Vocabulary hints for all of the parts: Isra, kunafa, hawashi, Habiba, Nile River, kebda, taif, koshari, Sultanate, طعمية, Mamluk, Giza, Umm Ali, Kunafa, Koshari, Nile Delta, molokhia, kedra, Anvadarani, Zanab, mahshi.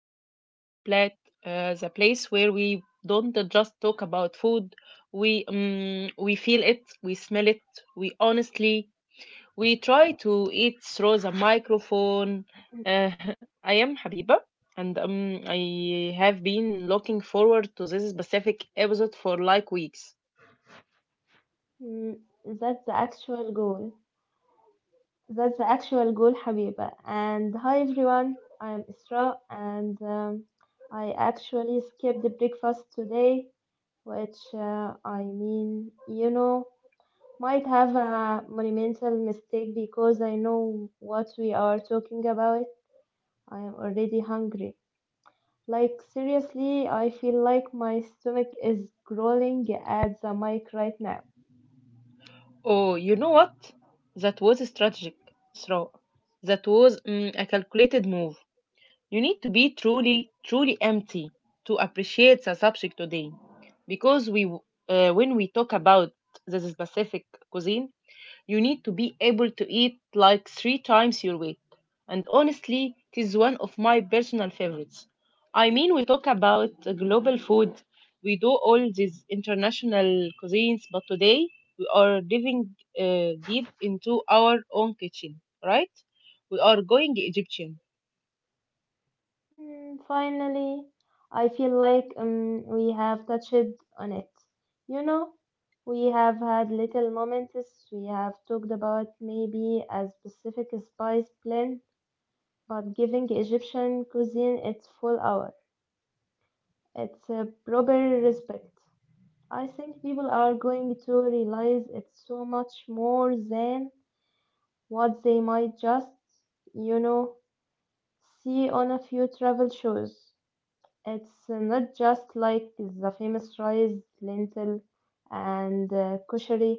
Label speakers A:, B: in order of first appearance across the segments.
A: to the Nile Plate, the place where we don't just talk about food. We feel it, we smell it, we honestly we try to eat through the microphone.
B: Mm,
A: Uh, I am Habiba, and I have been looking forward to this specific episode for like weeks.
B: mm, That's the actual goal. That's the actual goal, Habiba. And hi everyone, I'm Isra, and I actually skipped the breakfast today, which I mean, you know, might have a monumental mistake because I know what we are talking about. I am already hungry. Like seriously, I feel like my stomach is growling at the mic right now.
A: Oh, you know what? That was a strategic throw. That was a calculated move. You need to be truly, truly empty to appreciate the subject today. Because we, when we talk about the specific cuisine, you need to be able to eat like three times your weight. And honestly, it is one of my personal favorites. I mean, we talk about global food, we do all these international cuisines, but today we are diving deep into our own kitchen, right? We are going Egyptian.
B: Hmm. Finally, I feel like we have touched on it. You know, we have had little moments, we have talked about maybe a specific spice blend, but giving Egyptian cuisine its full hour, its a proper respect. I think people are going to realize it's so much more than what they might just, you know, see on a few travel shows. It's not just like the famous rice, lentil, and koshari,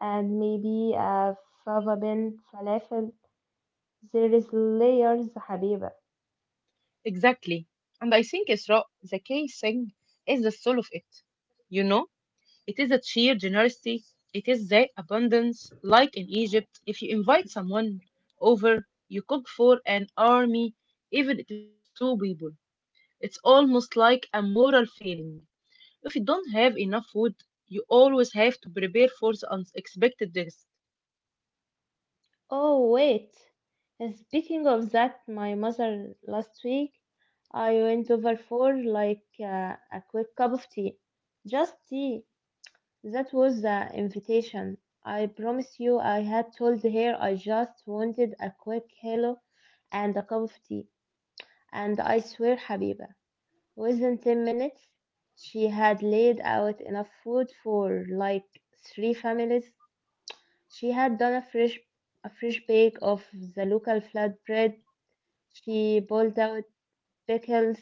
B: and maybe a fava bean falafel. There is layers, حبيبة.
A: Exactly. And I think Isra, the key thing is the soul of it. You know, it is the sheer generosity, it is the abundance. Like in Egypt, if you invite someone over, you cook for an army, even if it's just two people. It's almost like a moral failing. If you don't have enough food, you always have to prepare for the unexpected guest.
B: Oh wait. Speaking of that, my mother last week, I went over for like a quick cup of tea, just tea. That was the invitation. I promise you, I had told her I just wanted a quick hello and a cup of tea. And I swear, Habiba, within 10 minutes, she had laid out enough food for like three families. She had done a fresh bake of the local flatbread. She boiled out pickles.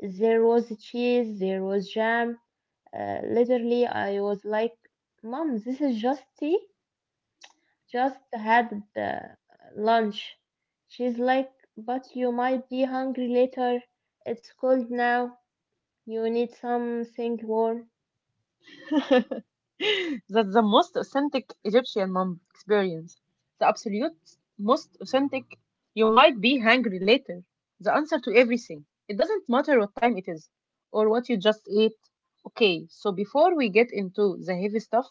B: There was cheese, there was jam. Literally, I was like, "Mom, this is just tea. Just had the lunch." She's like, "But you might be hungry later. It's cold now. You need something warm?"
A: That's the most authentic Egyptian mom experience. The absolute most authentic. You might be hungry later. The answer to everything. It doesn't matter what time it is or what you just ate. Okay, so before we get into the heavy stuff,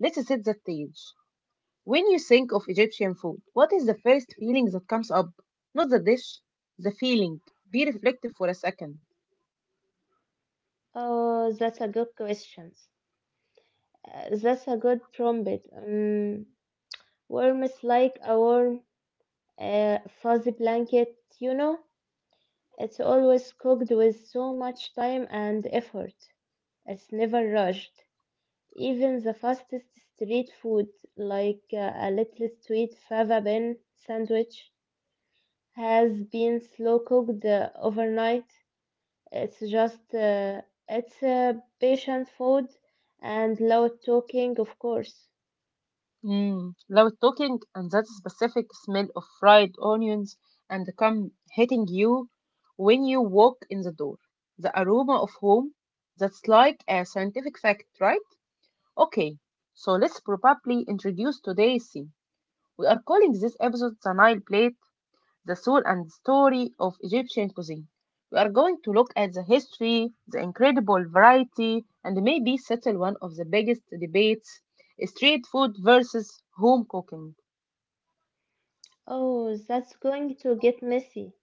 A: let's set the stage. When you think of Egyptian food, what is the first feeling that comes up? Not the dish, the feeling. Be reflective for a second.
B: Oh, that's a good question. That's a good trumpet. Warm is like a warm, fuzzy blanket, you know? It's always cooked with so much time and effort. It's never rushed. Even the fastest street food, like a little sweet fava bean sandwich, has been slow cooked overnight. It's just it's Patient food and loud talking, of course.
A: Mm, loud talking and that specific smell of fried onions and the cum hitting you when you walk in the door. The aroma of home, that's like a scientific fact, right? Okay, so let's probably introduce today's scene. We are calling this episode The Nile Plate, the soul and story of Egyptian cuisine. We are going to look at the history, the incredible variety, and maybe settle one of the biggest debates, street food versus home cooking.
B: Oh, that's going to get messy.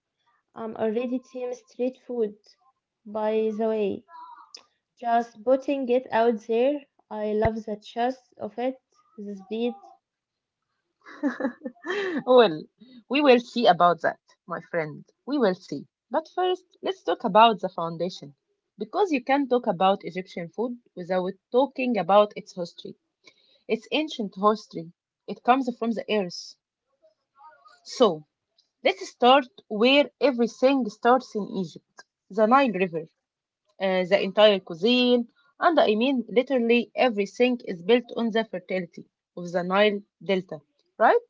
B: I'm already team street food, by the way. Just putting it out there. I love the chest of it, the speed.
A: Well, we will see about that, my friend. We will see. But first, let's talk about the foundation. Because you can't talk about Egyptian food without talking about its history. It's ancient history. It comes from the earth. So let's start where everything starts in Egypt. The Nile River, the entire cuisine, and I mean literally everything is built on the fertility of the Nile Delta, right?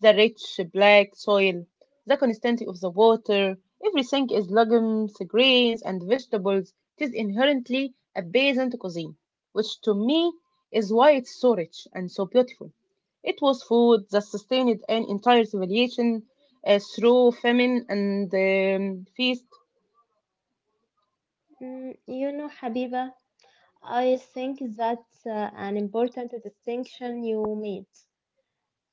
A: The rich black soil, the constancy of the water. Everything is legumes, grains, and vegetables. It is inherently a peasant cuisine, which to me is why it's so rich and so beautiful. It was food that sustained an entire civilization through famine and feast.
B: You know, Habiba, I think that's an important distinction you made.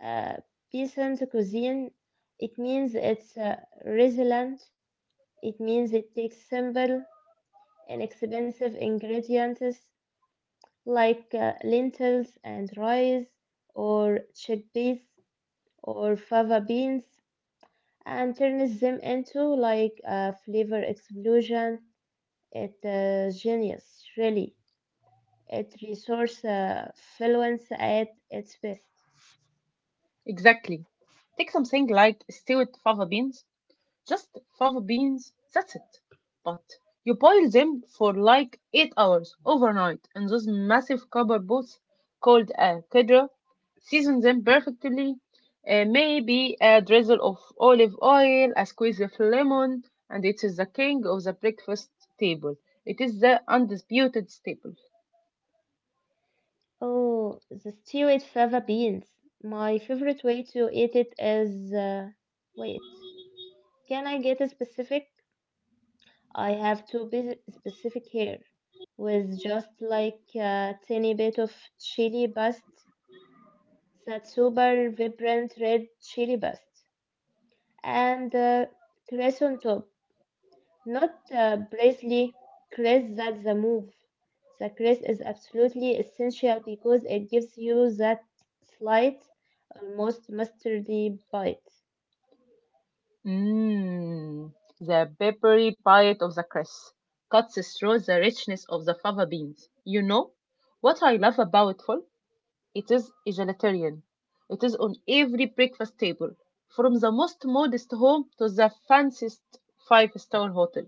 B: Uh, Peasant cuisine, it means it's resilient. It means it takes simple, inexpensive ingredients like lentils and rice, or chickpeas, or fava beans, and turns them into like a flavor explosion. It's genius, really. It resource fluence at its best.
A: Exactly. Take something like stewed fava beans. Just fava beans, that's it. But you boil them for like 8 hours overnight in those massive copper pots called a kedra. Season them perfectly. Maybe a drizzle of olive oil, a squeeze of lemon, and it is the king of the breakfast table. It is the undisputed staple.
B: Oh, the stew with fava beans. My favorite way to eat it is. Wait, can I get a specific? I have to be specific here with just like a tiny bit of chili paste, that super vibrant red chili paste, and cress on top. Not parsley, cress that's the move. The cress is absolutely essential because it gives you that slight, almost mustardy bite.
A: Mmm, the peppery bite of the cress cuts through the richness of the fava beans. You know what I love about fall? It is egalitarian. It is on every breakfast table, from the most modest home to the fanciest five-star hotel.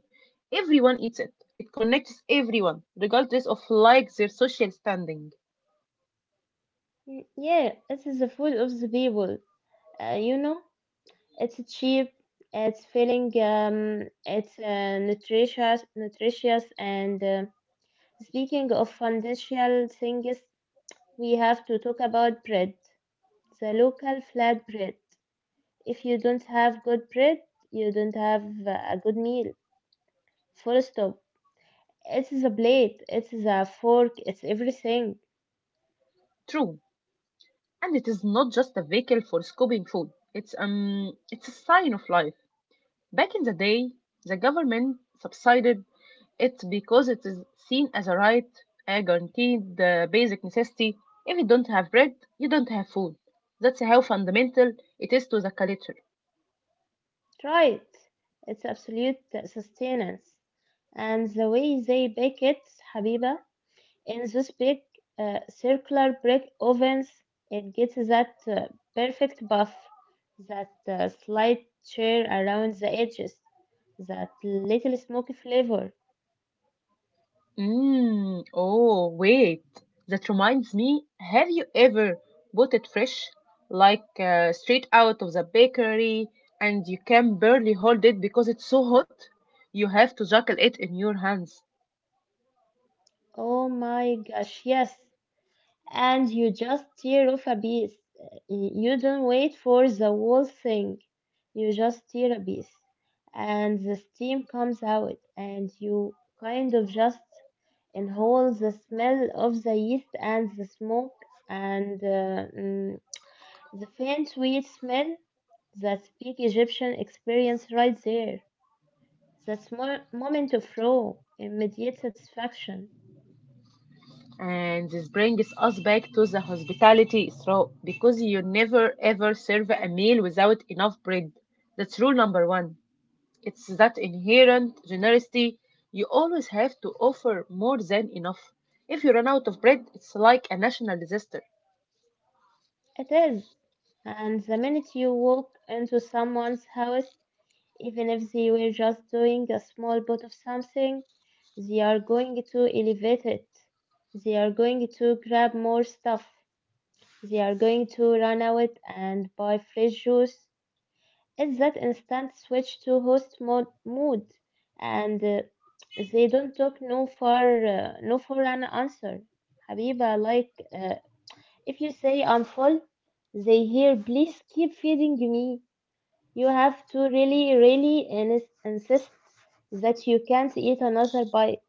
A: Everyone eats it. It connects everyone, regardless of like their social standing.
B: Yeah, this is the food of the people, you know. It's cheap, it's filling, it's nutritious. And speaking of foundational things, we have to talk about bread. The local flat bread. If you don't have good bread, you don't have a good meal. Full stop. It's the plate, it's the fork, it's everything.
A: True. And it is not just a vehicle for scooping food. It's a sign of life. Back in the day, the government subsidized it because it is seen as a right, a guaranteed basic necessity. If you don't have bread, you don't have food. That's how fundamental it is to the culture.
B: Try it. It's absolute sustenance. And the way they bake it, Habiba, in those big circular brick ovens, it gets that perfect buff, that slight tear around the edges, that little smoky flavor.
A: Mm, oh, wait. That reminds me, have you ever bought it fresh, like straight out of the bakery, and you can barely hold it because it's so hot? You have to juggle it in your hands.
B: Oh my gosh, yes, and you just tear off a piece. You don't wait for the whole thing. You just tear a piece, and the steam comes out, and you kind of just inhale the smell of the yeast and the smoke and the faint sweet smell. That's big Egyptian experience right there. That's moment of raw, immediate satisfaction.
A: And this brings us back to the hospitality through because you never ever serve a meal without enough bread. That's rule number one. It's that inherent generosity. You always have to offer more than enough. If you run out of bread, it's like a national disaster.
B: It is. And the minute you walk into someone's house, even if they were just doing a small bit of something, they are going to elevate it. They are going to grab more stuff. They are going to run out and buy fresh juice. It's that instant switch to host mode, mood, and they don't talk no for an answer. Habiba, like if you say I'm full, they hear, please keep feeding me. You have to really, really insist that you can't eat another bite.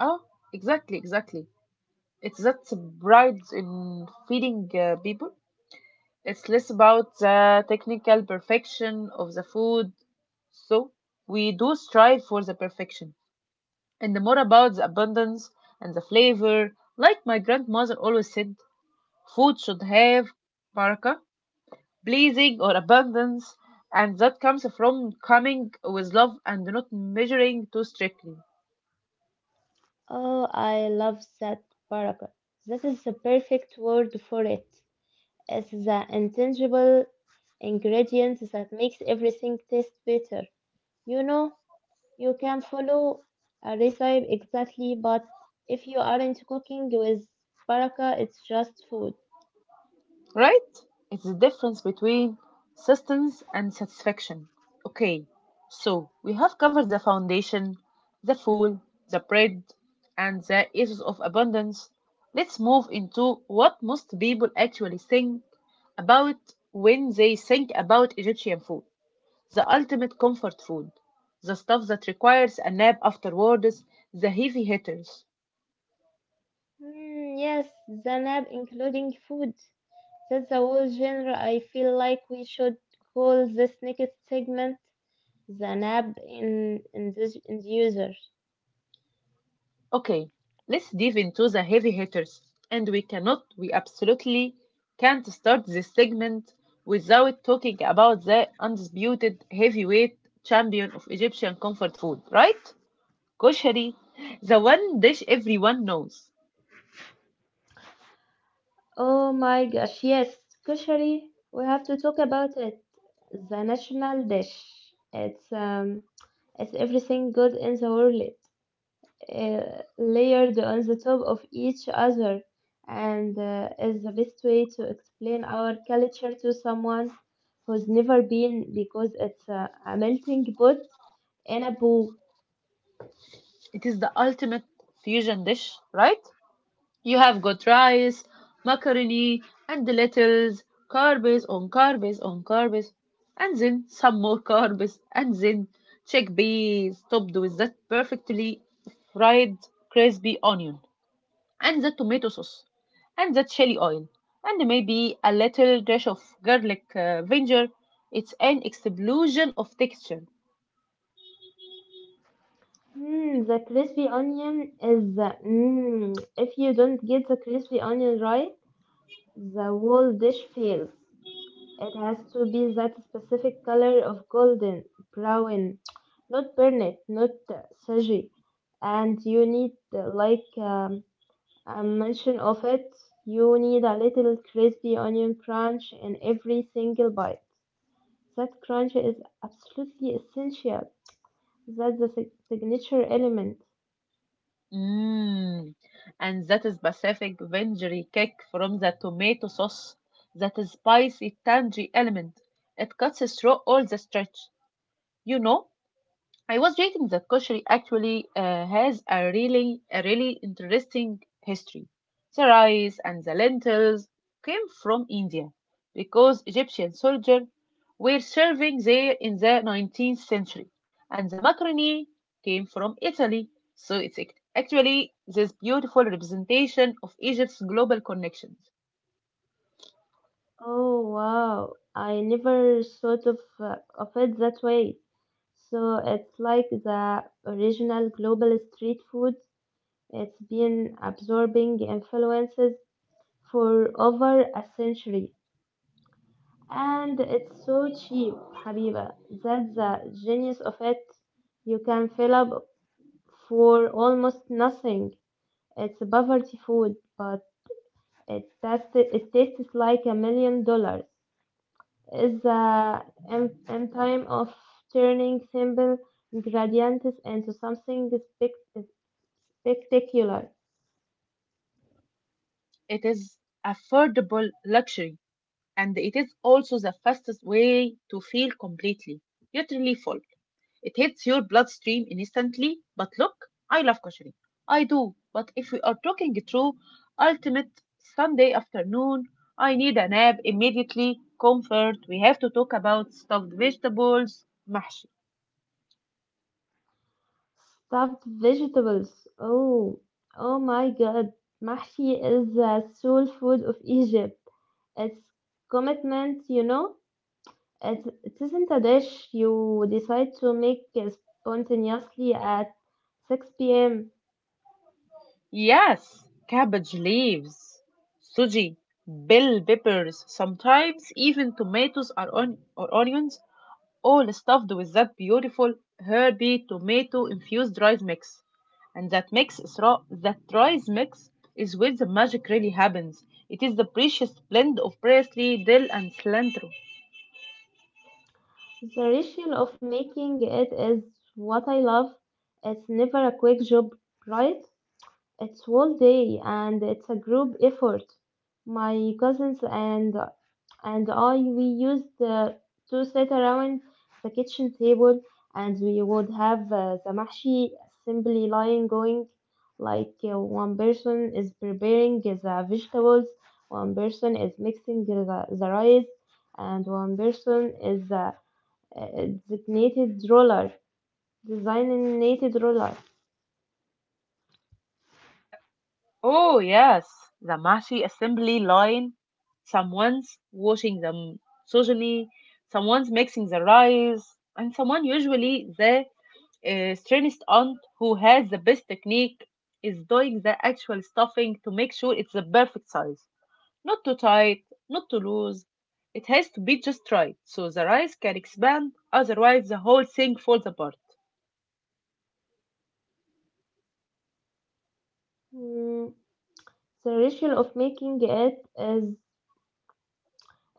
A: Oh, exactly, exactly. It's that pride in feeding people. It's less about the technical perfection of the food. So we do strive for the perfection and the more about the abundance and the flavor. Like my grandmother always said, food should have baraka, blessing or abundance, and that comes from coming with love and not measuring too strictly.
B: Oh, I love that paragraph. That is the perfect word for it. It's the intangible ingredient that makes everything taste better. You know, you can follow a recipe exactly, but if you aren't cooking with baraka, it's just food.
A: Right? It's the difference between sustenance and satisfaction. Okay, so we have covered the foundation, the fool, the bread, and the issues of abundance. Let's move into what most people actually think about when they think about Egyptian food, the ultimate comfort food, the stuff that requires a nap afterwards, the heavy hitters.
B: Yes, Zanab, including food. That's a whole genre. I feel like we should call this next segment Zanab in the user.
A: Okay, let's dive into the heavy hitters. And we absolutely can't start this segment without talking about the undisputed heavyweight champion of Egyptian comfort food, right? Koshari, the one dish everyone knows.
B: Oh my gosh, yes, kushari. We have to talk about it. The national dish. It's um, it's everything good in the world, layered on the top of each other and is the best way to explain our culture to someone who's never been because it's a melting pot in a bowl.
A: It is the ultimate fusion dish, right? You have got rice, macaroni, and the lentils, carbs on carbs on carbs, and then some more carbs, and then chickpeas topped with that perfectly fried crispy onion, and the tomato sauce, and the chili oil, and maybe a little dash of garlic vinegar. It's an explosion of texture.
B: Hmm, the crispy onion is the, if you don't get the crispy onion right, the whole dish fails. It has to be that specific color of golden brown, not burnt, not sage. And you need, a mention of it, you need a little crispy onion crunch in every single bite. That crunch is absolutely essential. That's the signature element.
A: Mm. And that is Pacific vinegary kick from the tomato sauce. That is spicy, tangy element. It cuts through all the stretch. You know, I was reading that kosher actually has a really interesting history. The rice and the lentils came from India because Egyptian soldiers were serving there in the 19th century, and the macaroni came from Italy. So it's actually this beautiful representation of Egypt's global connections.
B: Oh wow, I never thought of, of it that way. So it's like the original global street food. It's been absorbing influences for over a century, and it's so cheap, Habiba. That's the genius of it. You can fill up for almost nothing. It's poverty food, but it tastes like $1 million. It's the end time of turning simple ingredients into something spectacular.
A: It is affordable luxury, and it is also the fastest way to feel completely, utterly full. It hits your bloodstream instantly, but look, I love koshari. I do, but if we are talking through ultimate Sunday afternoon, I need a nap immediately, comfort. We have to talk about stuffed vegetables, mahshi.
B: Stuffed vegetables. Oh, oh my God. Mahshi is the soul food of Egypt. It's commitment, you know. It isn't a dish you decide to make spontaneously at 6 p.m.
A: Yes, cabbage leaves, suji, bell peppers, sometimes even tomatoes are on, or onions, all stuffed with that beautiful herby tomato infused rice mix. And that mix is raw, that rice mix is where the magic really happens. It is the precious blend of parsley, dill, and cilantro.
B: The ritual of making it is what I love. It's never a quick job, right? It's whole day and it's a group effort. My cousins and I we used to sit around the kitchen table and we would have the mahshi assembly line going like one person is preparing the vegetables, one person is mixing the rice, and one person is a designated roller, designated roller.
A: Oh yes, the mashi assembly line. Someone's washing the sojani, someone's mixing the rice, and someone, usually the strangest aunt who has the best technique, is doing the actual stuffing to make sure it's the perfect size. Not too tight, not too loose. It has to be just right so the rice can expand, otherwise, the whole thing falls apart.
B: Mm, the ritual of making it is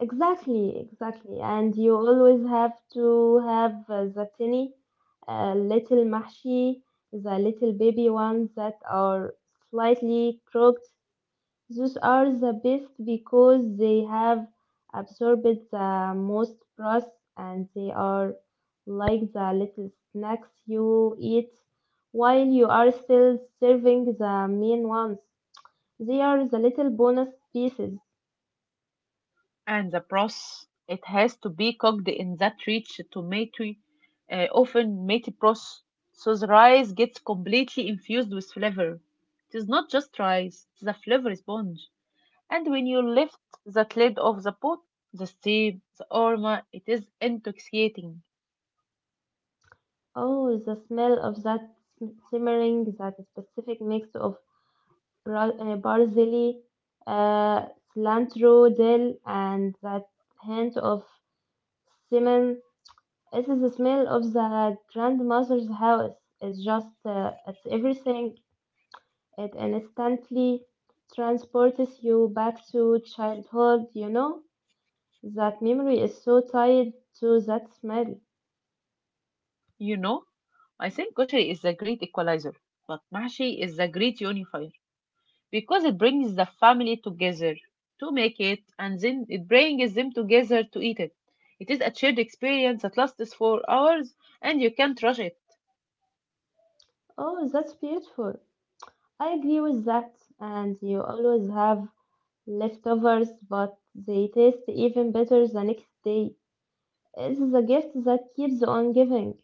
B: exactly, and you always have to have the tiny little mahshi, the little baby ones that are slightly crooked, those are the best because they have absorbed the most broth, and they are like the little snacks you eat while you are still serving the main ones, they are the little bonus pieces.
A: And the broth, it has to be cooked in that rich tomato, often matey broth, so the rice gets completely infused with flavor. It is not just rice, it's a flavor sponge. And when you lift that lid off the pot, the steam, the aroma, it is intoxicating.
B: Oh, the smell of that simmering, that specific mix of barzili, uh, cilantro, dill, and that hint of cinnamon. It is the smell of the grandmother's house. It's just, it's everything. It instantly transports you back to childhood, you know? That memory is so tied to that smell.
A: You know, I think kosher is the great equalizer, but mashi is the great unifier because it brings the family together to make it and then it brings them together to eat it. It is a shared experience that lasts for hours and you can't rush it.
B: Oh, that's beautiful. I agree with that, and you always have leftovers, but they taste even better the next day. It is a gift that keeps on giving.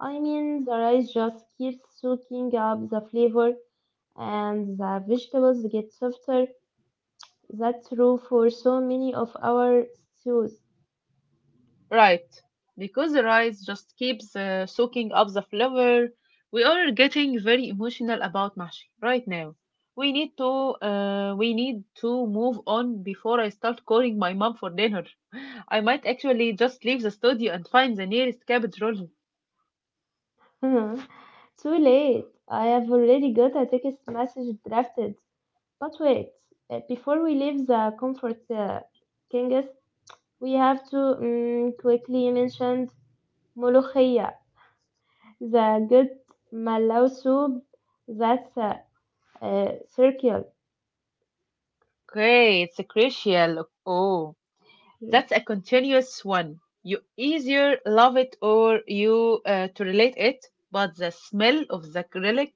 B: I mean, the rice just keeps soaking up the flavor, and the vegetables get softer. That's true for so many of our stews.
A: Right, because the rice just keeps soaking up the flavor. We are getting very emotional about mashi right now. We need to move on before I start calling my mom for dinner. I might actually just leave the studio and find the nearest cabbage roll.
B: Hmm. Too late. I have already got a text message drafted. But wait, before we leave the comfort kings, we have to quickly mention molokhia, the good malaw soup that's circular,
A: Okay, it's a crucial. Oh,
B: the
A: that's a continuous one. You either love it or you to relate it, but the smell of the acrylic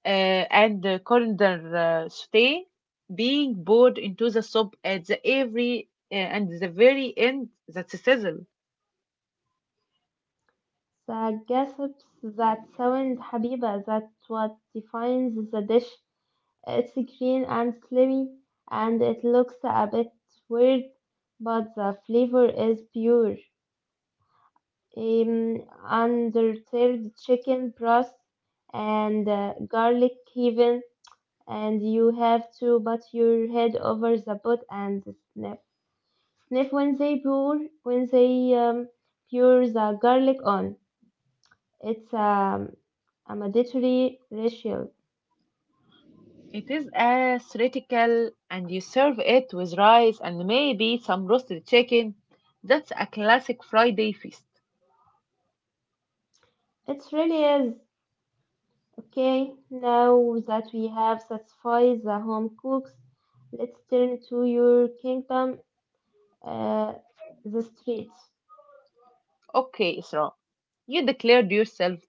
A: and the coriander saute being poured into the soup at the every and the very end, that sizzle.
B: gasps that sound habiba, that's what defines the dish. It's green and slimy, and it looks a bit weird, but the flavor is pure. Um, Undertale chicken breast and garlic even, and you have to put your head over the pot and sniff. Sniff when they pour the garlic on. It's a mandatory ritual.
A: It is a theoretical and you serve it with rice and maybe some roasted chicken. That's a classic Friday feast.
B: It really is okay. Now that we have satisfied the home cooks, let's turn to your kingdom, uh, the streets.
A: Okay, Isra, you declared yourself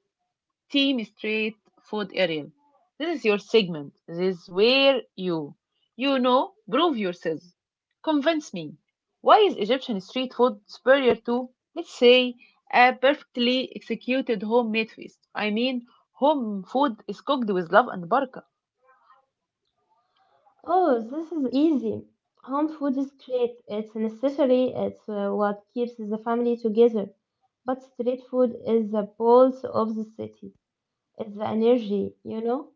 A: Team Street Food Ariel. This is your segment. This is where you know, prove yourself. Convince me. Why is Egyptian street food superior to, let's say, a perfectly executed homemade feast? I mean, home food is cooked with love and baraka.
B: Oh, this is easy. Home food is great. It's necessary. It's what keeps the family together. But street food is the pulse of the city. It's the energy, you know?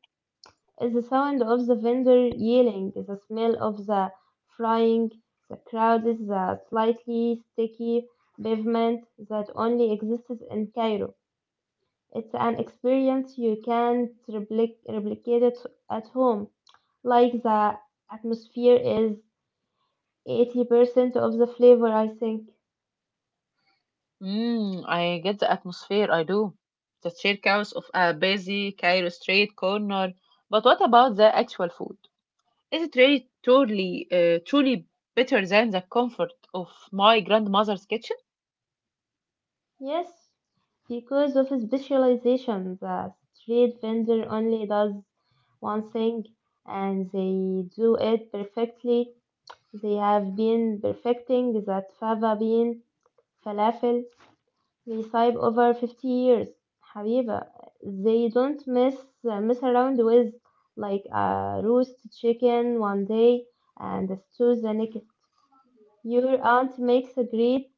B: It's the sound of the vendor yelling, the smell of the frying, the crowd is the slightly sticky pavement that only exists in Cairo. It's an experience you can't replicate it at home. Like the atmosphere is 80% of the flavor, I think.
A: Mm, I get the atmosphere, I do. The circus of a busy Cairo street corner. But what about the actual food? Is it really truly better than the comfort of my grandmother's kitchen?
B: Yes, because of specialization, the street vendor only does one thing and they do it perfectly. They have been perfecting that fava bean falafel recipe over 50 years. Habiba, they don't mess around with like a roast chicken one day and a stew the next. Your aunt makes a great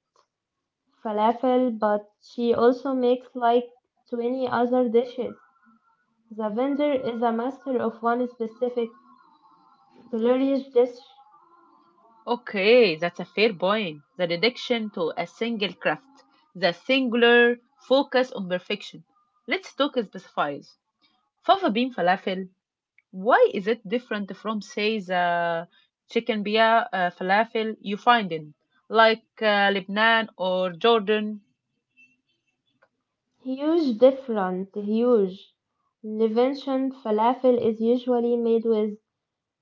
B: falafel, but she also makes like 20 other dishes. The vendor is a master of one specific delicious dish.
A: Okay, that's a fair point. The dedication to a single craft, the singular focus on perfection. Let's talk specifies. Fava bean falafel, why is it different from, say, the chicken bia falafel you find in, like Lebanon or Jordan?
B: Huge different, huge. Levantine falafel is usually made with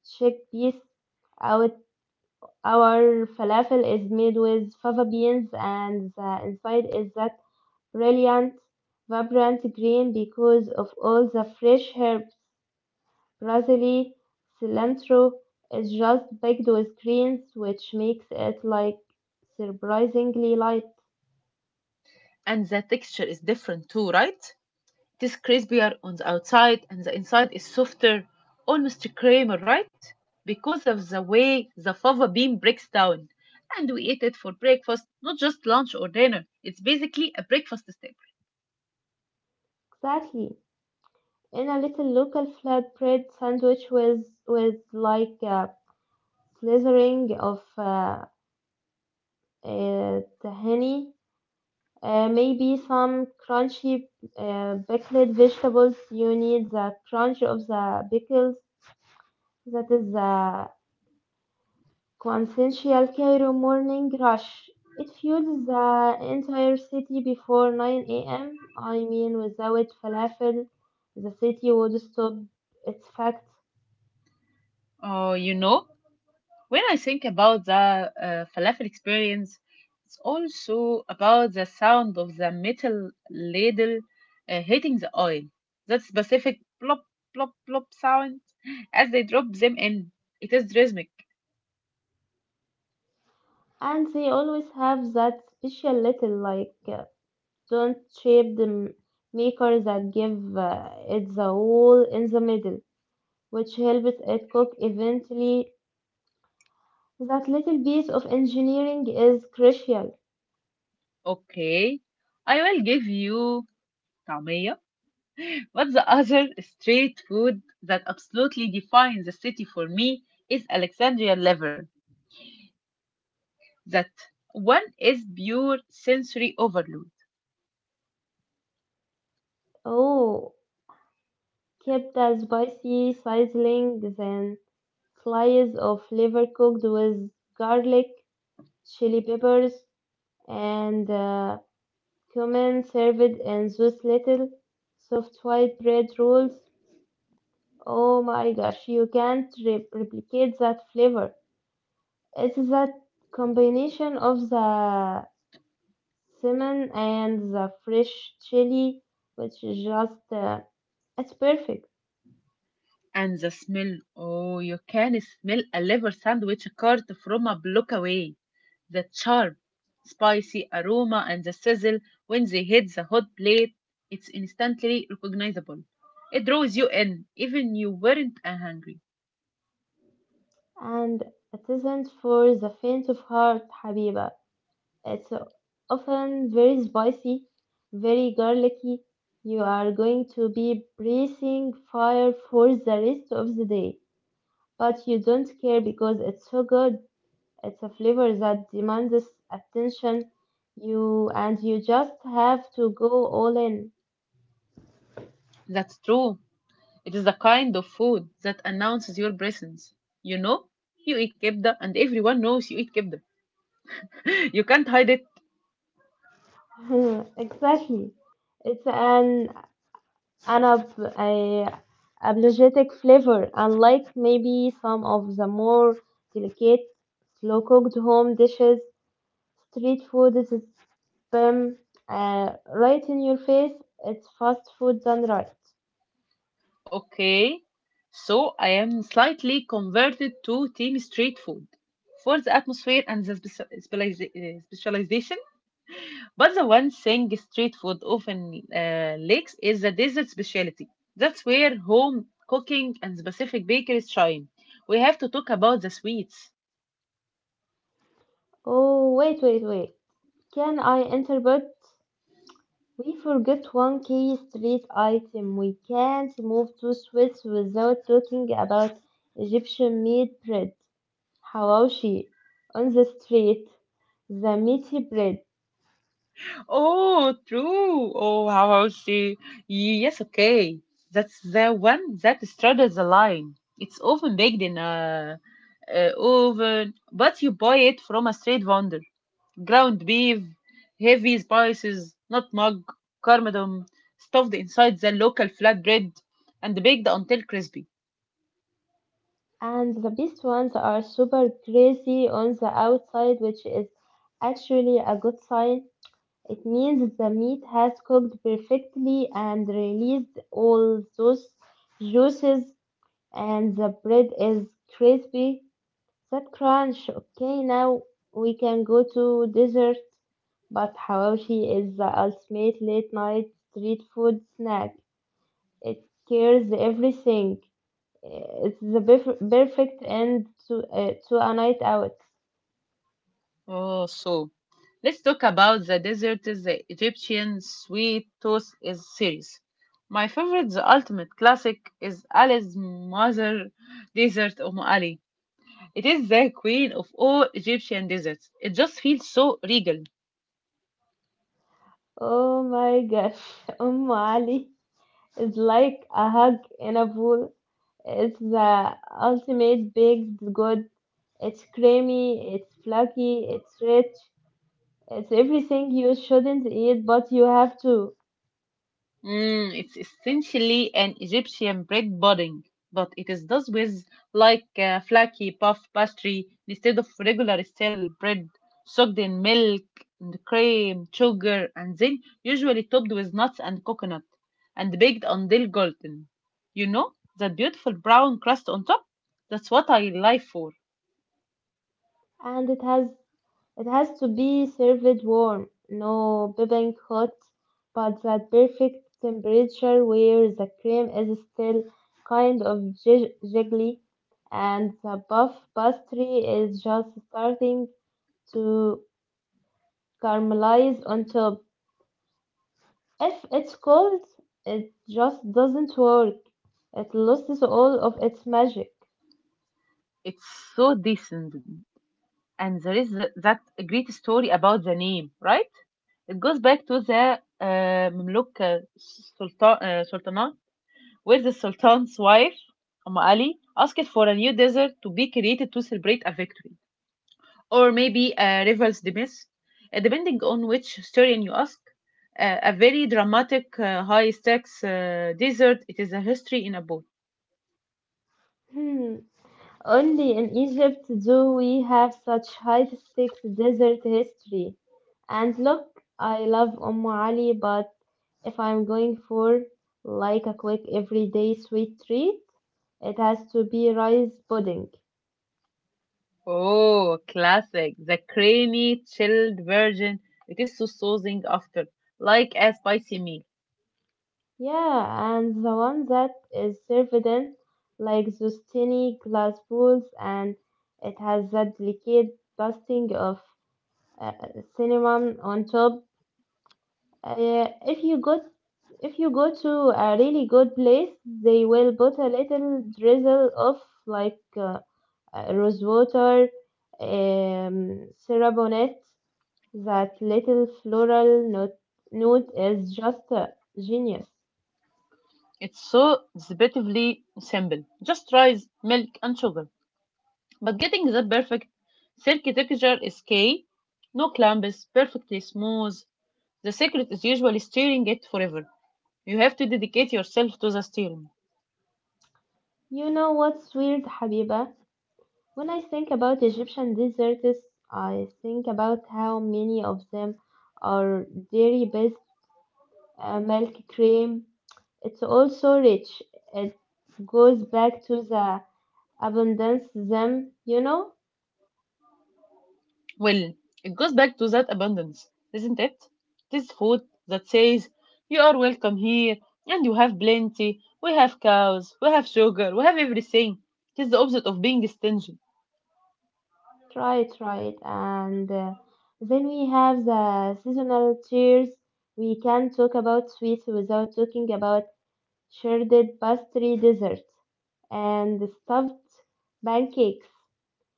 B: chickpeas. Our, our falafel is made with fava beans and the inside is that brilliant, vibrant green because of all the fresh herbs. Brazili cilantro is just baked with greens, which makes it like surprisingly light.
A: And the texture is different too, right? It is crispier on the outside and the inside is softer, almost creamy, right? Because of the way the fava bean breaks down. And we eat it for breakfast, not just lunch or dinner. It's basically a breakfast staple.
B: Exactly. In a little local flatbread sandwich with like a slithering of tahini, maybe some crunchy pickled vegetables. You need the crunch of the pickles. That is the quintessential Cairo morning rush. It fuels the entire city before 9 a.m. I mean, without falafel, the city would stop. It's fact.
A: Oh, you know, when I think about the falafel experience, it's also about the sound of the metal ladle hitting the oil. That specific plop, plop, plop sound as they drop them in. It is rhythmic.
B: And they always have that special little, like, don't shape the maker that give it the hole in the middle, which helps it cook eventually. That little piece of engineering is crucial.
A: Okay, I will give you طعمية. But the other street food that absolutely defines the city for me is Alexandria liver. That one is pure sensory overload.
B: Oh, kept a spicy sizzling, then slice of liver cooked with garlic, chili peppers, and cumin served in those little soft white bread rolls. Oh my gosh, you can't replicate that flavor. It's that combination of the cinnamon and the fresh chili, which is just, it's perfect.
A: And the smell, oh, you can smell a liver sandwich cart from a block away. The sharp, spicy aroma and the sizzle when they hit the hot plate, it's instantly recognizable. It draws you in, even you weren't hungry.
B: And it isn't for the faint of heart, Habiba. It's often very spicy, very garlicky. You are going to be breathing fire for the rest of the day, but you don't care because it's so good. It's a flavor that demands attention. You just have to go all in.
A: That's true. It is the kind of food that announces your presence. You know, you eat kebda, and everyone knows you eat kebda. You can't hide it.
B: Exactly. It's an أنا ب I apologetic flavor, unlike maybe some of the more delicate, slow-cooked home dishes, street food is spam right in your face. It's fast food done right.
A: Okay, so I am slightly converted to team street food for the atmosphere and the specialization. But the one thing street food often lacks is the dessert specialty. That's where home cooking and specific bakeries shine. We have to talk about the sweets.
B: Oh, wait, wait, wait. Can I interpret? We forget one key street item. We can't move to Swiss without talking about Egyptian meat bread. Hawashi on the street, the meaty bread,
A: Oh, true. Oh, how I would say, yes, okay. That's the one that straddles the line. It's often baked in a oven, but you buy it from a street vendor. Ground beef, heavy spices, nutmeg, cardamom, stuffed inside the local flatbread, and baked until crispy.
B: and the best ones are super greasy on the outside, which is actually a good sign. It means the meat has cooked perfectly and released all those juices, and the bread is crispy. That crunch. Okay, now we can go to dessert, but hawashi is the ultimate late night street food snack. It scares everything. It's the perfect end to a night out.
A: Oh, so. Let's talk about the dessert is the Egyptian sweet toast is series. My favorite, the ultimate classic, is Ali's mother dessert Ali. It is the queen of all Egyptian desserts. It just feels so regal.
B: Oh my gosh, Ali is like a hug in a pool. It's the ultimate baked good. It's creamy, it's flaky, it's rich, it's everything you shouldn't eat, but you have to.
A: Mm, it's essentially an Egyptian bread pudding, but it is done with like flaky puff pastry instead of regular stale bread, soaked in milk and cream, sugar, and then usually topped with nuts and coconut, and baked until golden. You know, that beautiful brown crust on top? That's what I live for.
B: And it has to be served warm. No bibbing hot but that perfect temperature where the cream is still kind of jiggly and the puff pastry is just starting to caramelize on top. If it's cold, it just doesn't work. It loses all of its magic.
A: It's so decent. And there is that great story about the name, right? It goes back to the Mamluk Sultan, Sultanate, where the Sultan's wife, Ali, asked for a new desert to be created to celebrate a victory, or maybe a rival's demise. Depending on which historian you ask, a very dramatic, high stakes desert. It is a history in a book.
B: Only in Egypt do we have such high stakes desert history. And look, I love Ali, but if I'm going for like a quick everyday sweet treat, it has to be rice pudding.
A: Oh, classic. The creamy, chilled version. It is so soothing after, like a spicy meal.
B: Yeah, and the one that is served in like those tiny glass bowls, and it has that delicate dusting of uh, cinnamon on top. Uh, if you go if you go to a really good place, they will put a little drizzle of like rose water, syrup on it. That little floral note is just genius.
A: It's so deceptively simple. Just rice, milk, and sugar. But getting the perfect silky texture is key. No clumps, perfectly smooth. The secret is usually stirring it forever. You have to dedicate yourself to the stirring.
B: You know what's weird, Habiba? When I think about Egyptian desserts, I think about how many of them are dairy-based, milk cream. It's also rich. It goes back to the abundance them, you know?
A: Well, it goes back to that abundance, isn't it? This food that says, you are welcome here, and you have plenty. We have cows, we have sugar, we have everything. It is the opposite of being stingy.
B: Try it, try it. And then we have the seasonal tears. We can talk about sweets without talking about shredded pastry desserts and stuffed pancakes.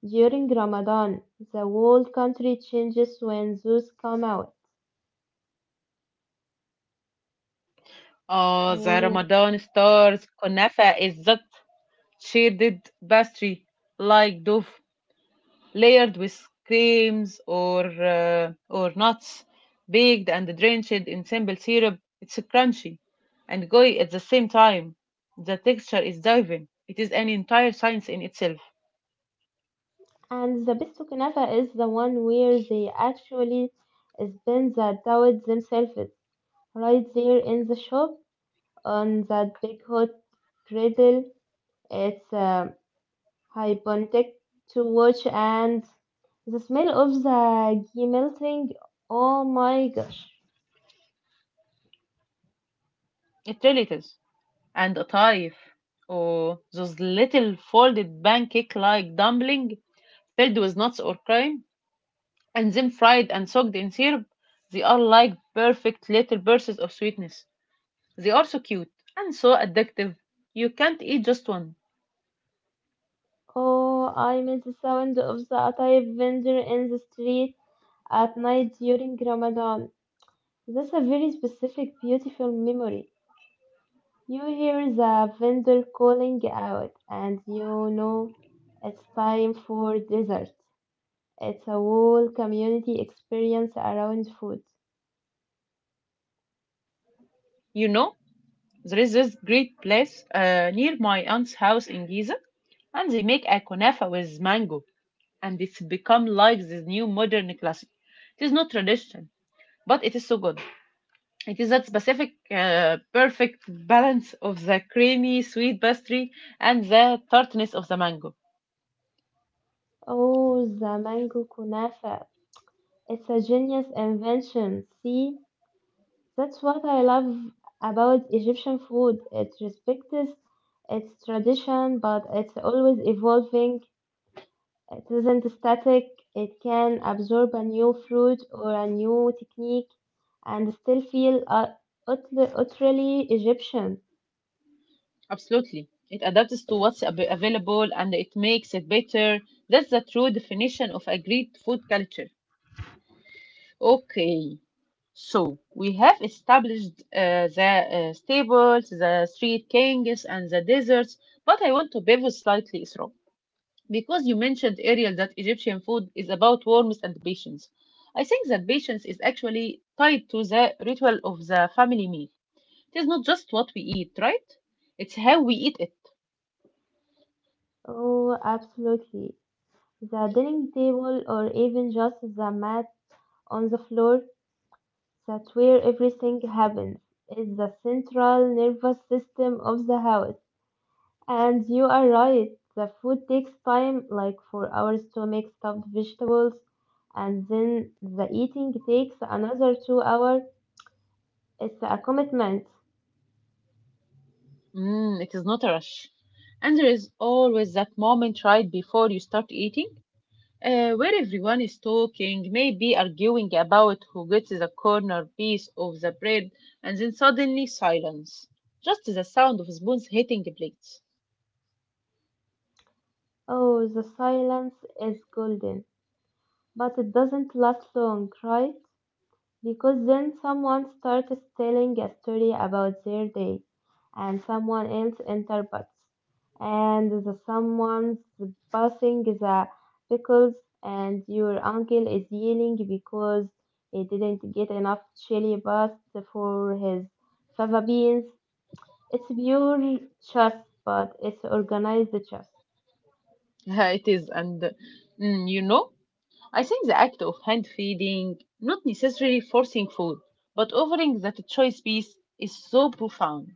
B: During Ramadan, the whole country changes when those come out.
A: Oh, the
B: Oh.
A: Ramadan stars. Kunafa is that shaded pastry like dough, layered with creams or or nuts, baked and drenched in simple syrup. It's crunchy and gooey at the same time. The texture is diving. It is an entire science in itself.
B: And the best kunafa is the one where they actually spin the dough themselves, right there in the shop on that big hot griddle. It's hypnotic to watch, and the smell of the ghee melting. Oh my gosh!
A: It really is. And a taif, or those little folded pancake-like dumpling filled with nuts or cream, and then fried and soaked in syrup, they are like perfect little bursts of sweetness. They are so cute and so addictive. You can't eat just one.
B: Oh, I miss the sound of the atay vendor in the street at night during Ramadan. That's a very specific, beautiful memory. You hear the vendor calling out, and you know it's time for dessert. It's a whole community experience around food.
A: You know, there is this great place near my aunt's house in Giza, and they make a kunafa with mango, and it's become like this new modern classic. It is not tradition, but it is so good. It is that specific, perfect balance of the creamy sweet pastry and the tartness of the mango.
B: Oh, the mango kunafa. It's a genius invention. See, that's what I love about Egyptian food. It respects its tradition, but it's always evolving. It isn't static, it can absorb a new fruit or a new technique and still feel ut- utterly Egyptian.
A: Absolutely. It adapts to what's available and it makes it better. That's the true definition of a great food culture. Okay, so we have established the staples, the street kings, and the desserts, but I want to pivot slightly, Isra, because you mentioned earlier that Egyptian food is about warmth and patience. I think that patience is actually tied to the ritual of the family meal. It is not just what we eat, right? It's how we eat it.
B: Oh, absolutely. The dining table, or even just the mat on the floor, that's where everything happens. It's the central nervous system of the house. And you are right, the food takes time, like 4 hours to make stuffed vegetables, and then the eating takes another 2 hours. It's a commitment.
A: Mm, it is not a rush. And there is always that moment right before you start eating, where everyone is talking, maybe arguing about who gets the corner piece of the bread, and then suddenly silence. Just the sound of spoons hitting the plates.
B: Oh, the silence is golden, but it doesn't last long, right? Because then someone starts telling a story about their day, and someone else interprets, and the someone's passing the pickles, and your uncle is yelling because he didn't get enough chili paste for his fava beans. It's pure chess, but it's organized chess.
A: It is, and mm, you know, I think the act of hand feeding, not necessarily forcing food, but offering that choice piece is so profound.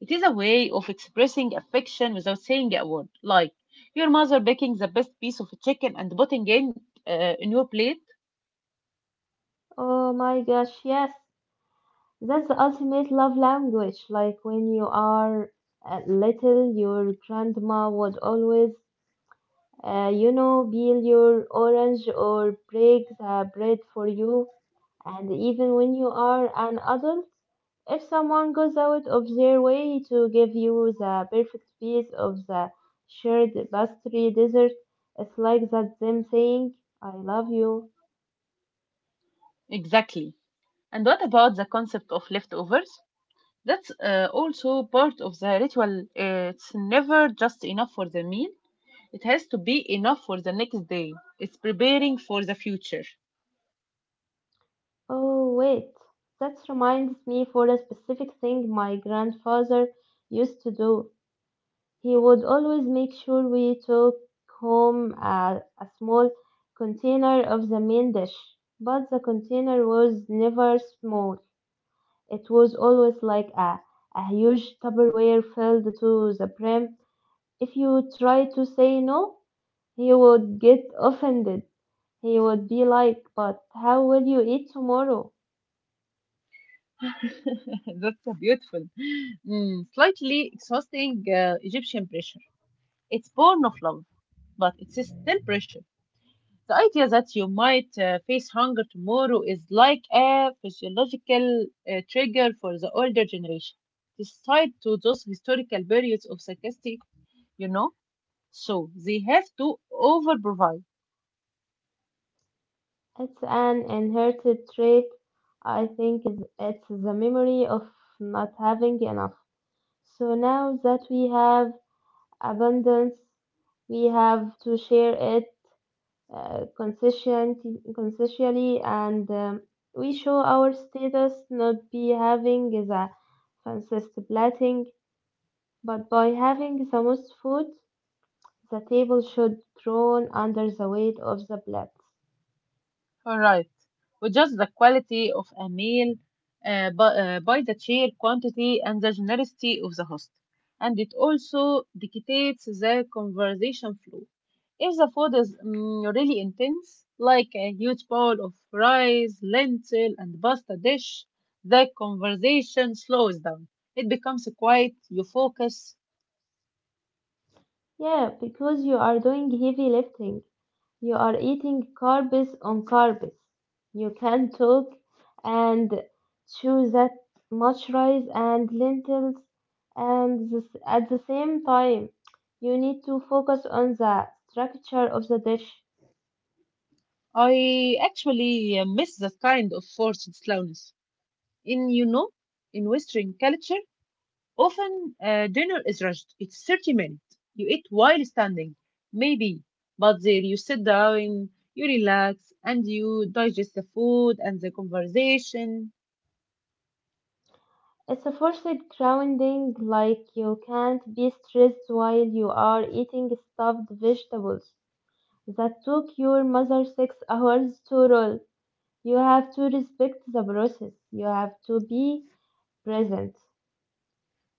A: It is a way of expressing affection without saying a word, like your mother baking the best piece of chicken and putting in your plate.
B: Oh my gosh, yes. That's the ultimate love language. Like when you are little, your grandma would always, peel your orange or break the bread for you. And even when you are an adult, if someone goes out of their way to give you the perfect piece of the shared pastry dessert, it's like that them saying, I love you.
A: Exactly. And what about the concept of leftovers? That's also part of the ritual. It's never just enough for the meal. It has to be enough for the next day. It's preparing for the future.
B: Oh, wait, that reminds me for a specific thing my grandfather used to do. He would always make sure we took home a small container of the main dish, but the container was never small. It was always like a huge Tupperware filled to the brim. If you tried to say no, he would get offended. He would be like, but how will you eat tomorrow?
A: That's a beautiful, mm, slightly exhausting Egyptian pressure. It's born of love, but it's still pressure. The idea that you might face hunger tomorrow is like a physiological trigger for the older generation. It's tied to those historical periods of sarcastic, you know, so they have to overprovide.
B: It's an inherited trait. I think it's the memory of not having enough. So now that we have abundance, we have to share it conscientiously and we show our status not be having the fanciest plating, but by having the most food, the table should groan under the weight of the plates.
A: All right. We judge the quality of a meal by by the sheer quantity and the generosity of the host. And it also dictates the conversation flow. If the food is mm, really intense, like a huge bowl of rice, lentil, and pasta dish, the conversation slows down. It becomes quiet, you focus.
B: Yeah, because you are doing heavy lifting. You are eating carbs on carbs. You can talk and chew that much rice and lentils and this, at the same time. You need to focus on the structure of the dish.
A: I actually miss that kind of forced slowness. In, you know, in Western culture, often, dinner is rushed. It's 30 minutes. You eat while standing, maybe, but there you sit down, you relax, and you digest the food and the conversation
B: It's a forced grounding, like you can't be stressed while you are eating stuffed vegetables that took your mother 6 hours to roll. You have to respect the process. You have to be present.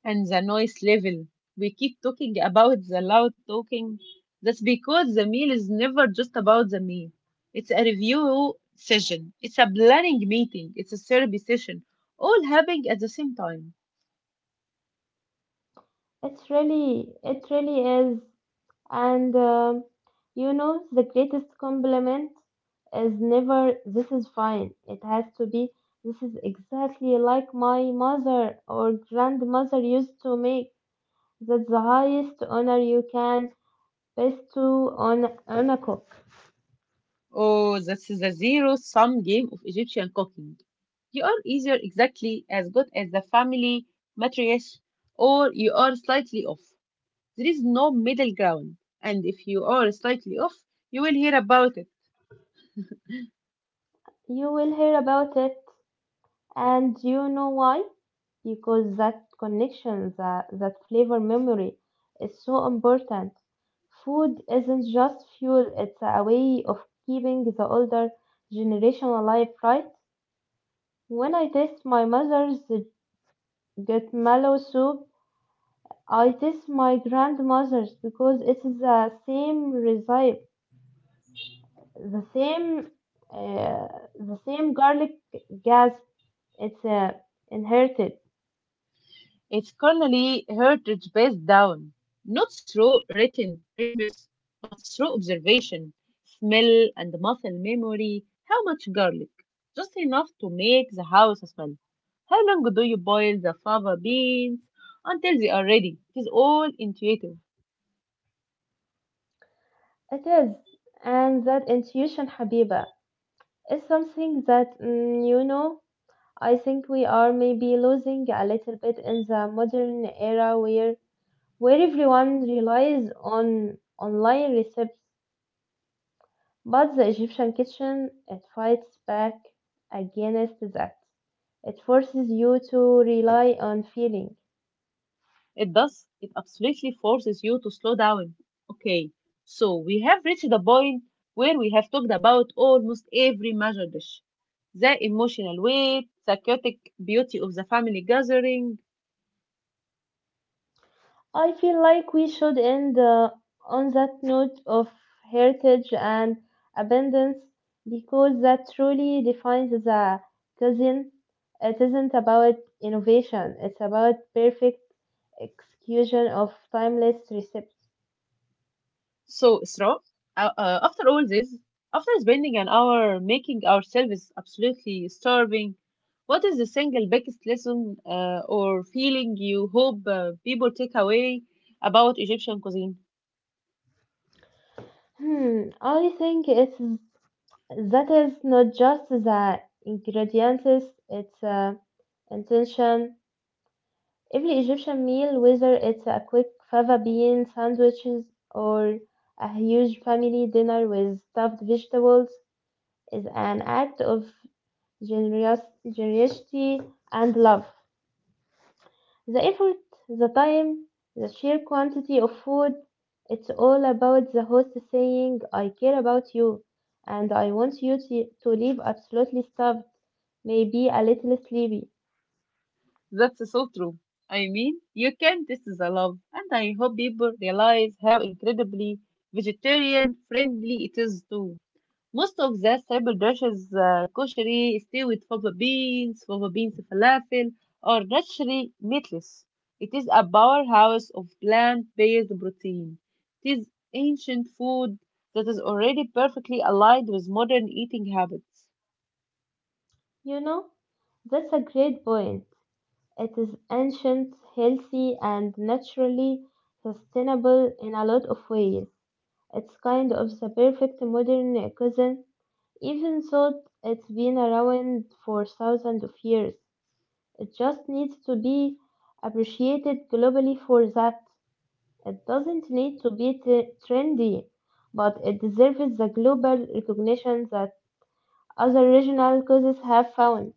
A: and the noise level. We keep talking about the loud talking. That's because the meal is never just about the meal. It's a review session, it's a planning meeting, it's a therapy session, all happening at the same time.
B: It's really, it really is. And the greatest compliment is never, this is fine. It has to be, this is exactly like my mother or grandmother used to make. That's the highest honor you can bestow on a cook.
A: Oh, this is a zero-sum game of Egyptian cooking. You are either exactly as good as the family matriarch or you are slightly off. There is no middle ground, and if you are slightly off, you will hear about it.
B: You will hear about it, and you know why? Because that connection, that flavor memory is so important. Food isn't just fuel, it's a way of keeping the older generation alive, right? When I taste my mother's get mallow soup, I taste my grandmother's because it's the same recipe, the same, uh, the same garlic gas. It's inherited.
A: It's currently heritage based down, not through written recipes, but through observation, smell, and muscle memory. How much garlic? Just enough to make the house smell. How long do you boil the fava beans until they are ready? It is all intuitive.
B: It is, and that intuition, Habiba. It's something that, I think we are maybe losing a little bit in the modern era where everyone relies on online recipes, but the Egyptian kitchen it fights back against that. It forces you to rely on feeling.
A: It does. It absolutely forces you to slow down. Okay, so we have reached the point where we have talked about almost every major dish. The emotional weight, the chaotic beauty of the family gathering.
B: I feel like we should end on that note of heritage and abundance because that truly defines the cuisine. It isn't about innovation, it's about perfect execution of timeless recipes.
A: So, Isra, after all this, after spending an hour making ourselves absolutely starving, what is the single biggest lesson or feeling you hope people take away about Egyptian cuisine?
B: Hmm, I think it's that is not just the ingredients, it's intention. Every Egyptian meal, whether it's a quick fava bean sandwiches or a huge family dinner with stuffed vegetables, is an act of generous, generosity and love. The effort, the time, the sheer quantity of food, it's all about the host saying, I care about you and I want you to leave absolutely stuffed, maybe a little sleepy.
A: That's so true. I mean, you can test the love, and I hope people realize how incredibly vegetarian friendly it is too. Most of the staple dishes, kosheri, stew with fava beans falafel, are naturally meatless. It is a powerhouse of plant-based protein. It is ancient food that is already perfectly aligned with modern eating habits.
B: You know, that's a great point. It is ancient, healthy, and naturally sustainable in a lot of ways. It's kind of the perfect modern cuisine, even though it's been around for thousands of years. It just needs to be appreciated globally for that. It doesn't need to be trendy, but it deserves the global recognition that other regional cuisines have found.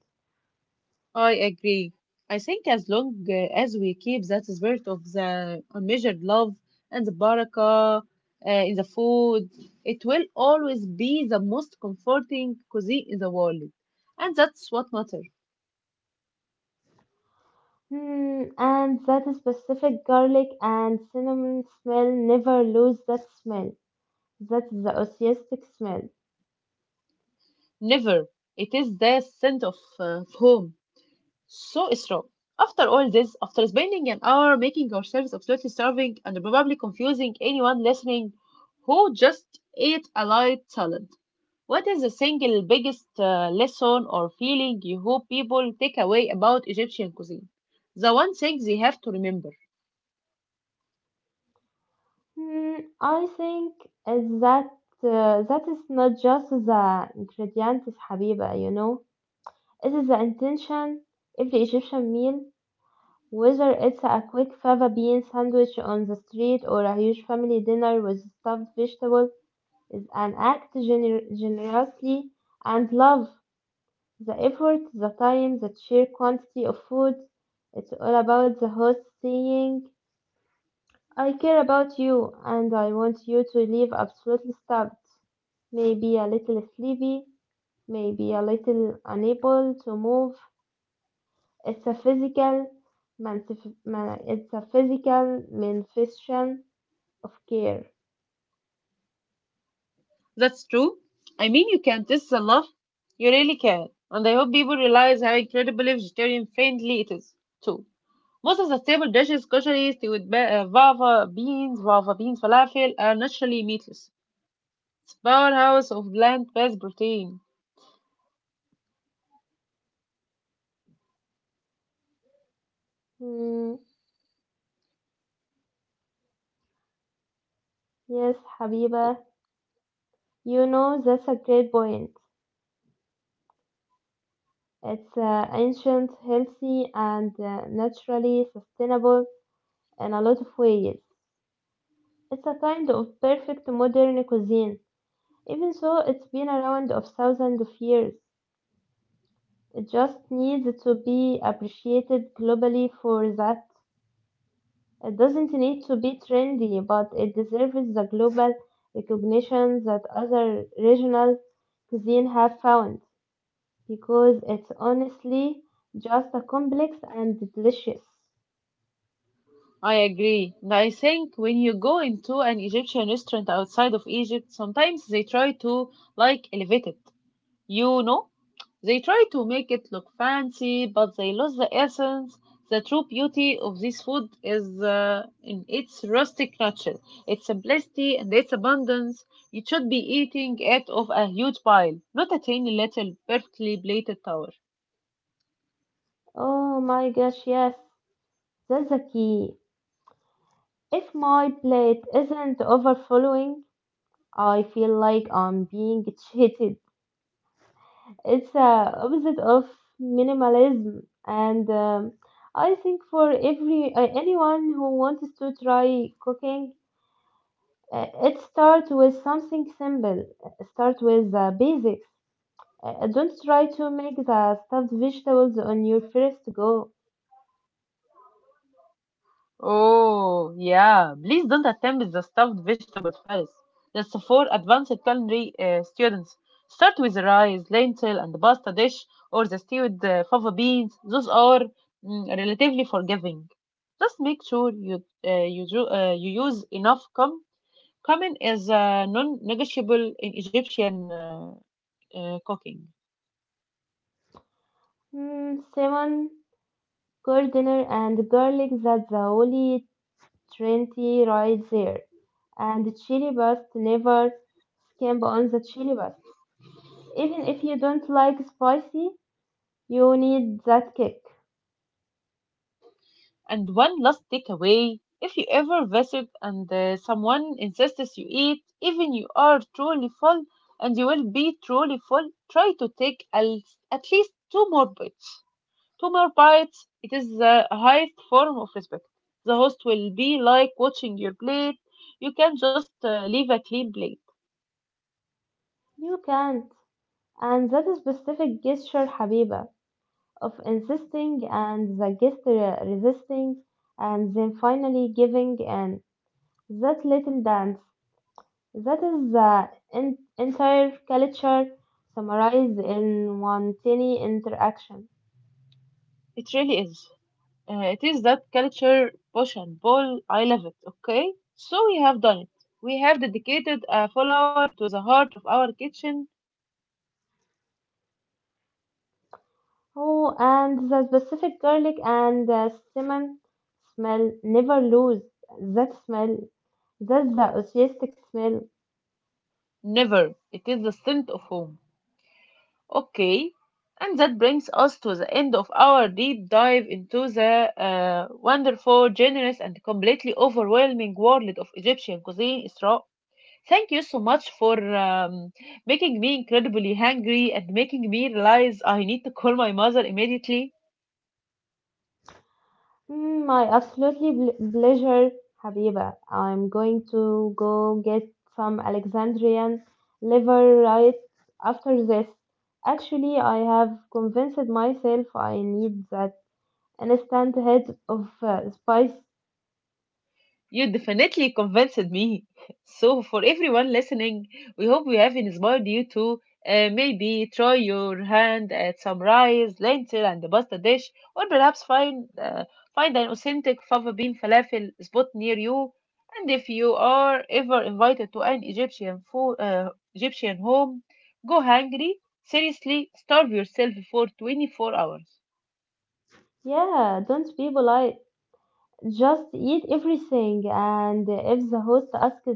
A: I agree. I think as long as we keep that spirit of the unmeasured love and the barakah in the food, it will always be the most comforting cuisine in the world. And that's what matters.
B: Hmm, and that specific garlic and cinnamon smell never lose that smell. That's the osteistic smell.
A: Never. It is the scent of home. So strong. After all this, after spending an hour making ourselves absolutely starving and probably confusing anyone listening who just ate a light salad, what is the single biggest lesson or feeling you hope people take away about Egyptian cuisine? The one thing they have to remember.
B: Hmm, I think is that is not just the ingredients, حبيبة. It is the intention. Every Egyptian meal, whether it's a quick fava bean sandwich on the street or a huge family dinner with stuffed vegetable, is an act generously and love. The effort, the time, the sheer quantity of food. It's all about the host saying, I care about you and I want you to leave absolutely stuffed. Maybe a little sleepy, maybe a little unable to move. It's a physical manifestation of care.
A: That's true. I mean, you can taste the love. You really can. And I hope people realize how incredibly vegetarian friendly it is, too. Most of the staple dishes kosher stewed with fava beans falafel are naturally meatless. It's a powerhouse of plant-based protein.
B: Mm, yes, Habiba, you know that's a great point. It's ancient, healthy, and naturally sustainable in a lot of ways. It's a kind of perfect modern cuisine, even though it's been around of thousands of years. It just needs to be appreciated globally for that. It doesn't need to be trendy, but it deserves the global recognition that other regional cuisine have found, because it's honestly just a complex and delicious.
A: I agree. And I think when you go into an Egyptian restaurant outside of Egypt, sometimes they try to like elevate it. You know, they try to make it look fancy, but they lose the essence. The true beauty of this food is in its rustic nature, its simplicity, and its abundance. You should be eating it off a huge pile, not a tiny little perfectly plated tower.
B: Oh my gosh, yes, that's the key. If my plate isn't overflowing, I feel like I'm being cheated. It's the opposite of minimalism, and I think for every anyone who wants to try cooking, it starts with something simple. Start with the basics. Don't try to make the stuffed vegetables on your first go.
A: Oh, yeah. Please don't attempt the stuffed vegetables first. That's for advanced culinary students. Start with the rice, lentil, and pasta dish, or the stewed fava beans. Those are mm, relatively forgiving. Just make sure you you use enough cum. Cumin is non-negotiable in Egyptian cooking.
B: Simon, Gardiner and garlic that's the only trinity right there. And chili paste, never skimp on the chili paste. Even if you don't like spicy, you need that kick.
A: And one last takeaway, if you ever visit and someone insists you eat, even you are truly full and you will be truly full, try to take at least two more bites. Two more bites, it is the highest form of respect. The host will be like watching your plate. You can just leave a clean plate.
B: You can't. And that specific gesture, Habiba, of insisting and the guest resisting and then finally giving in. That little dance. That is the entire culture summarized in one tiny interaction.
A: It really is. It is that culture push and pull. I love it. Okay, so we have done it. We have dedicated a full hour to the heart of our kitchen.
B: Oh, and the specific garlic and cinnamon smell never lose that smell. That's the authentic smell.
A: Never. It is the scent of home. Okay, and that brings us to the end of our deep dive into the wonderful, generous, and completely overwhelming world of Egyptian cuisine, Isra. Thank you so much for making me incredibly hungry and making me realize I need to call my mother immediately.
B: My absolutely pleasure, Habiba. I'm going to go get some Alexandrian liver right after this. Actually, I have convinced myself I need that instant heads of spice.
A: You definitely convinced me. So, for everyone listening, we hope we have inspired you to maybe try your hand at some rice, lentil, and the pasta dish, or perhaps find find an authentic fava bean falafel spot near you. And if you are ever invited to an Egyptian Egyptian home, go hungry. Seriously, starve yourself for 24 hours.
B: Yeah, don't be polite. Just eat everything. And if the host asks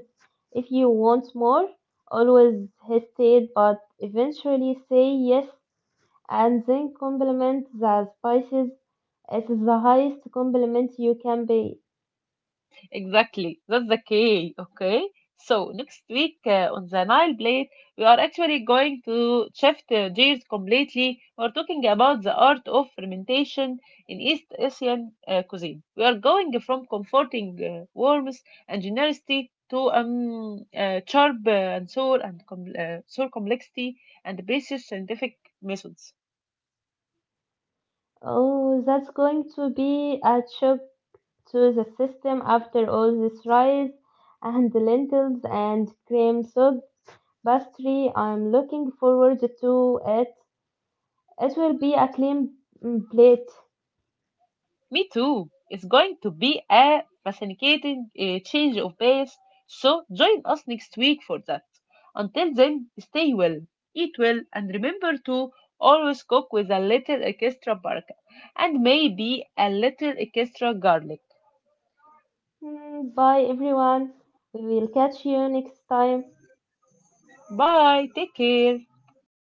B: if you want more, always hesitate, but eventually say yes and then compliment the spices. It is the highest compliment you can pay.
A: Exactly. That's the key. Okay. So next week on the Nile Blade, we are actually going to shift gears completely. We're talking about the art of fermentation in East Asian cuisine. We are going from comforting warmth and generosity to sharp and sour and sour complexity and precious scientific methods.
B: Oh, that's going to be a shock to the system after all this rice and lentils and cream. So pastry. I'm looking forward to it. It will be a clean plate.
A: Me too. It's going to be a fascinating change of pace. So join us next week for that. Until then, stay well, eat well, and remember to always cook with a little extra paprika and maybe a little extra garlic.
B: Bye, everyone. We will catch you next time.
A: Bye. Take care.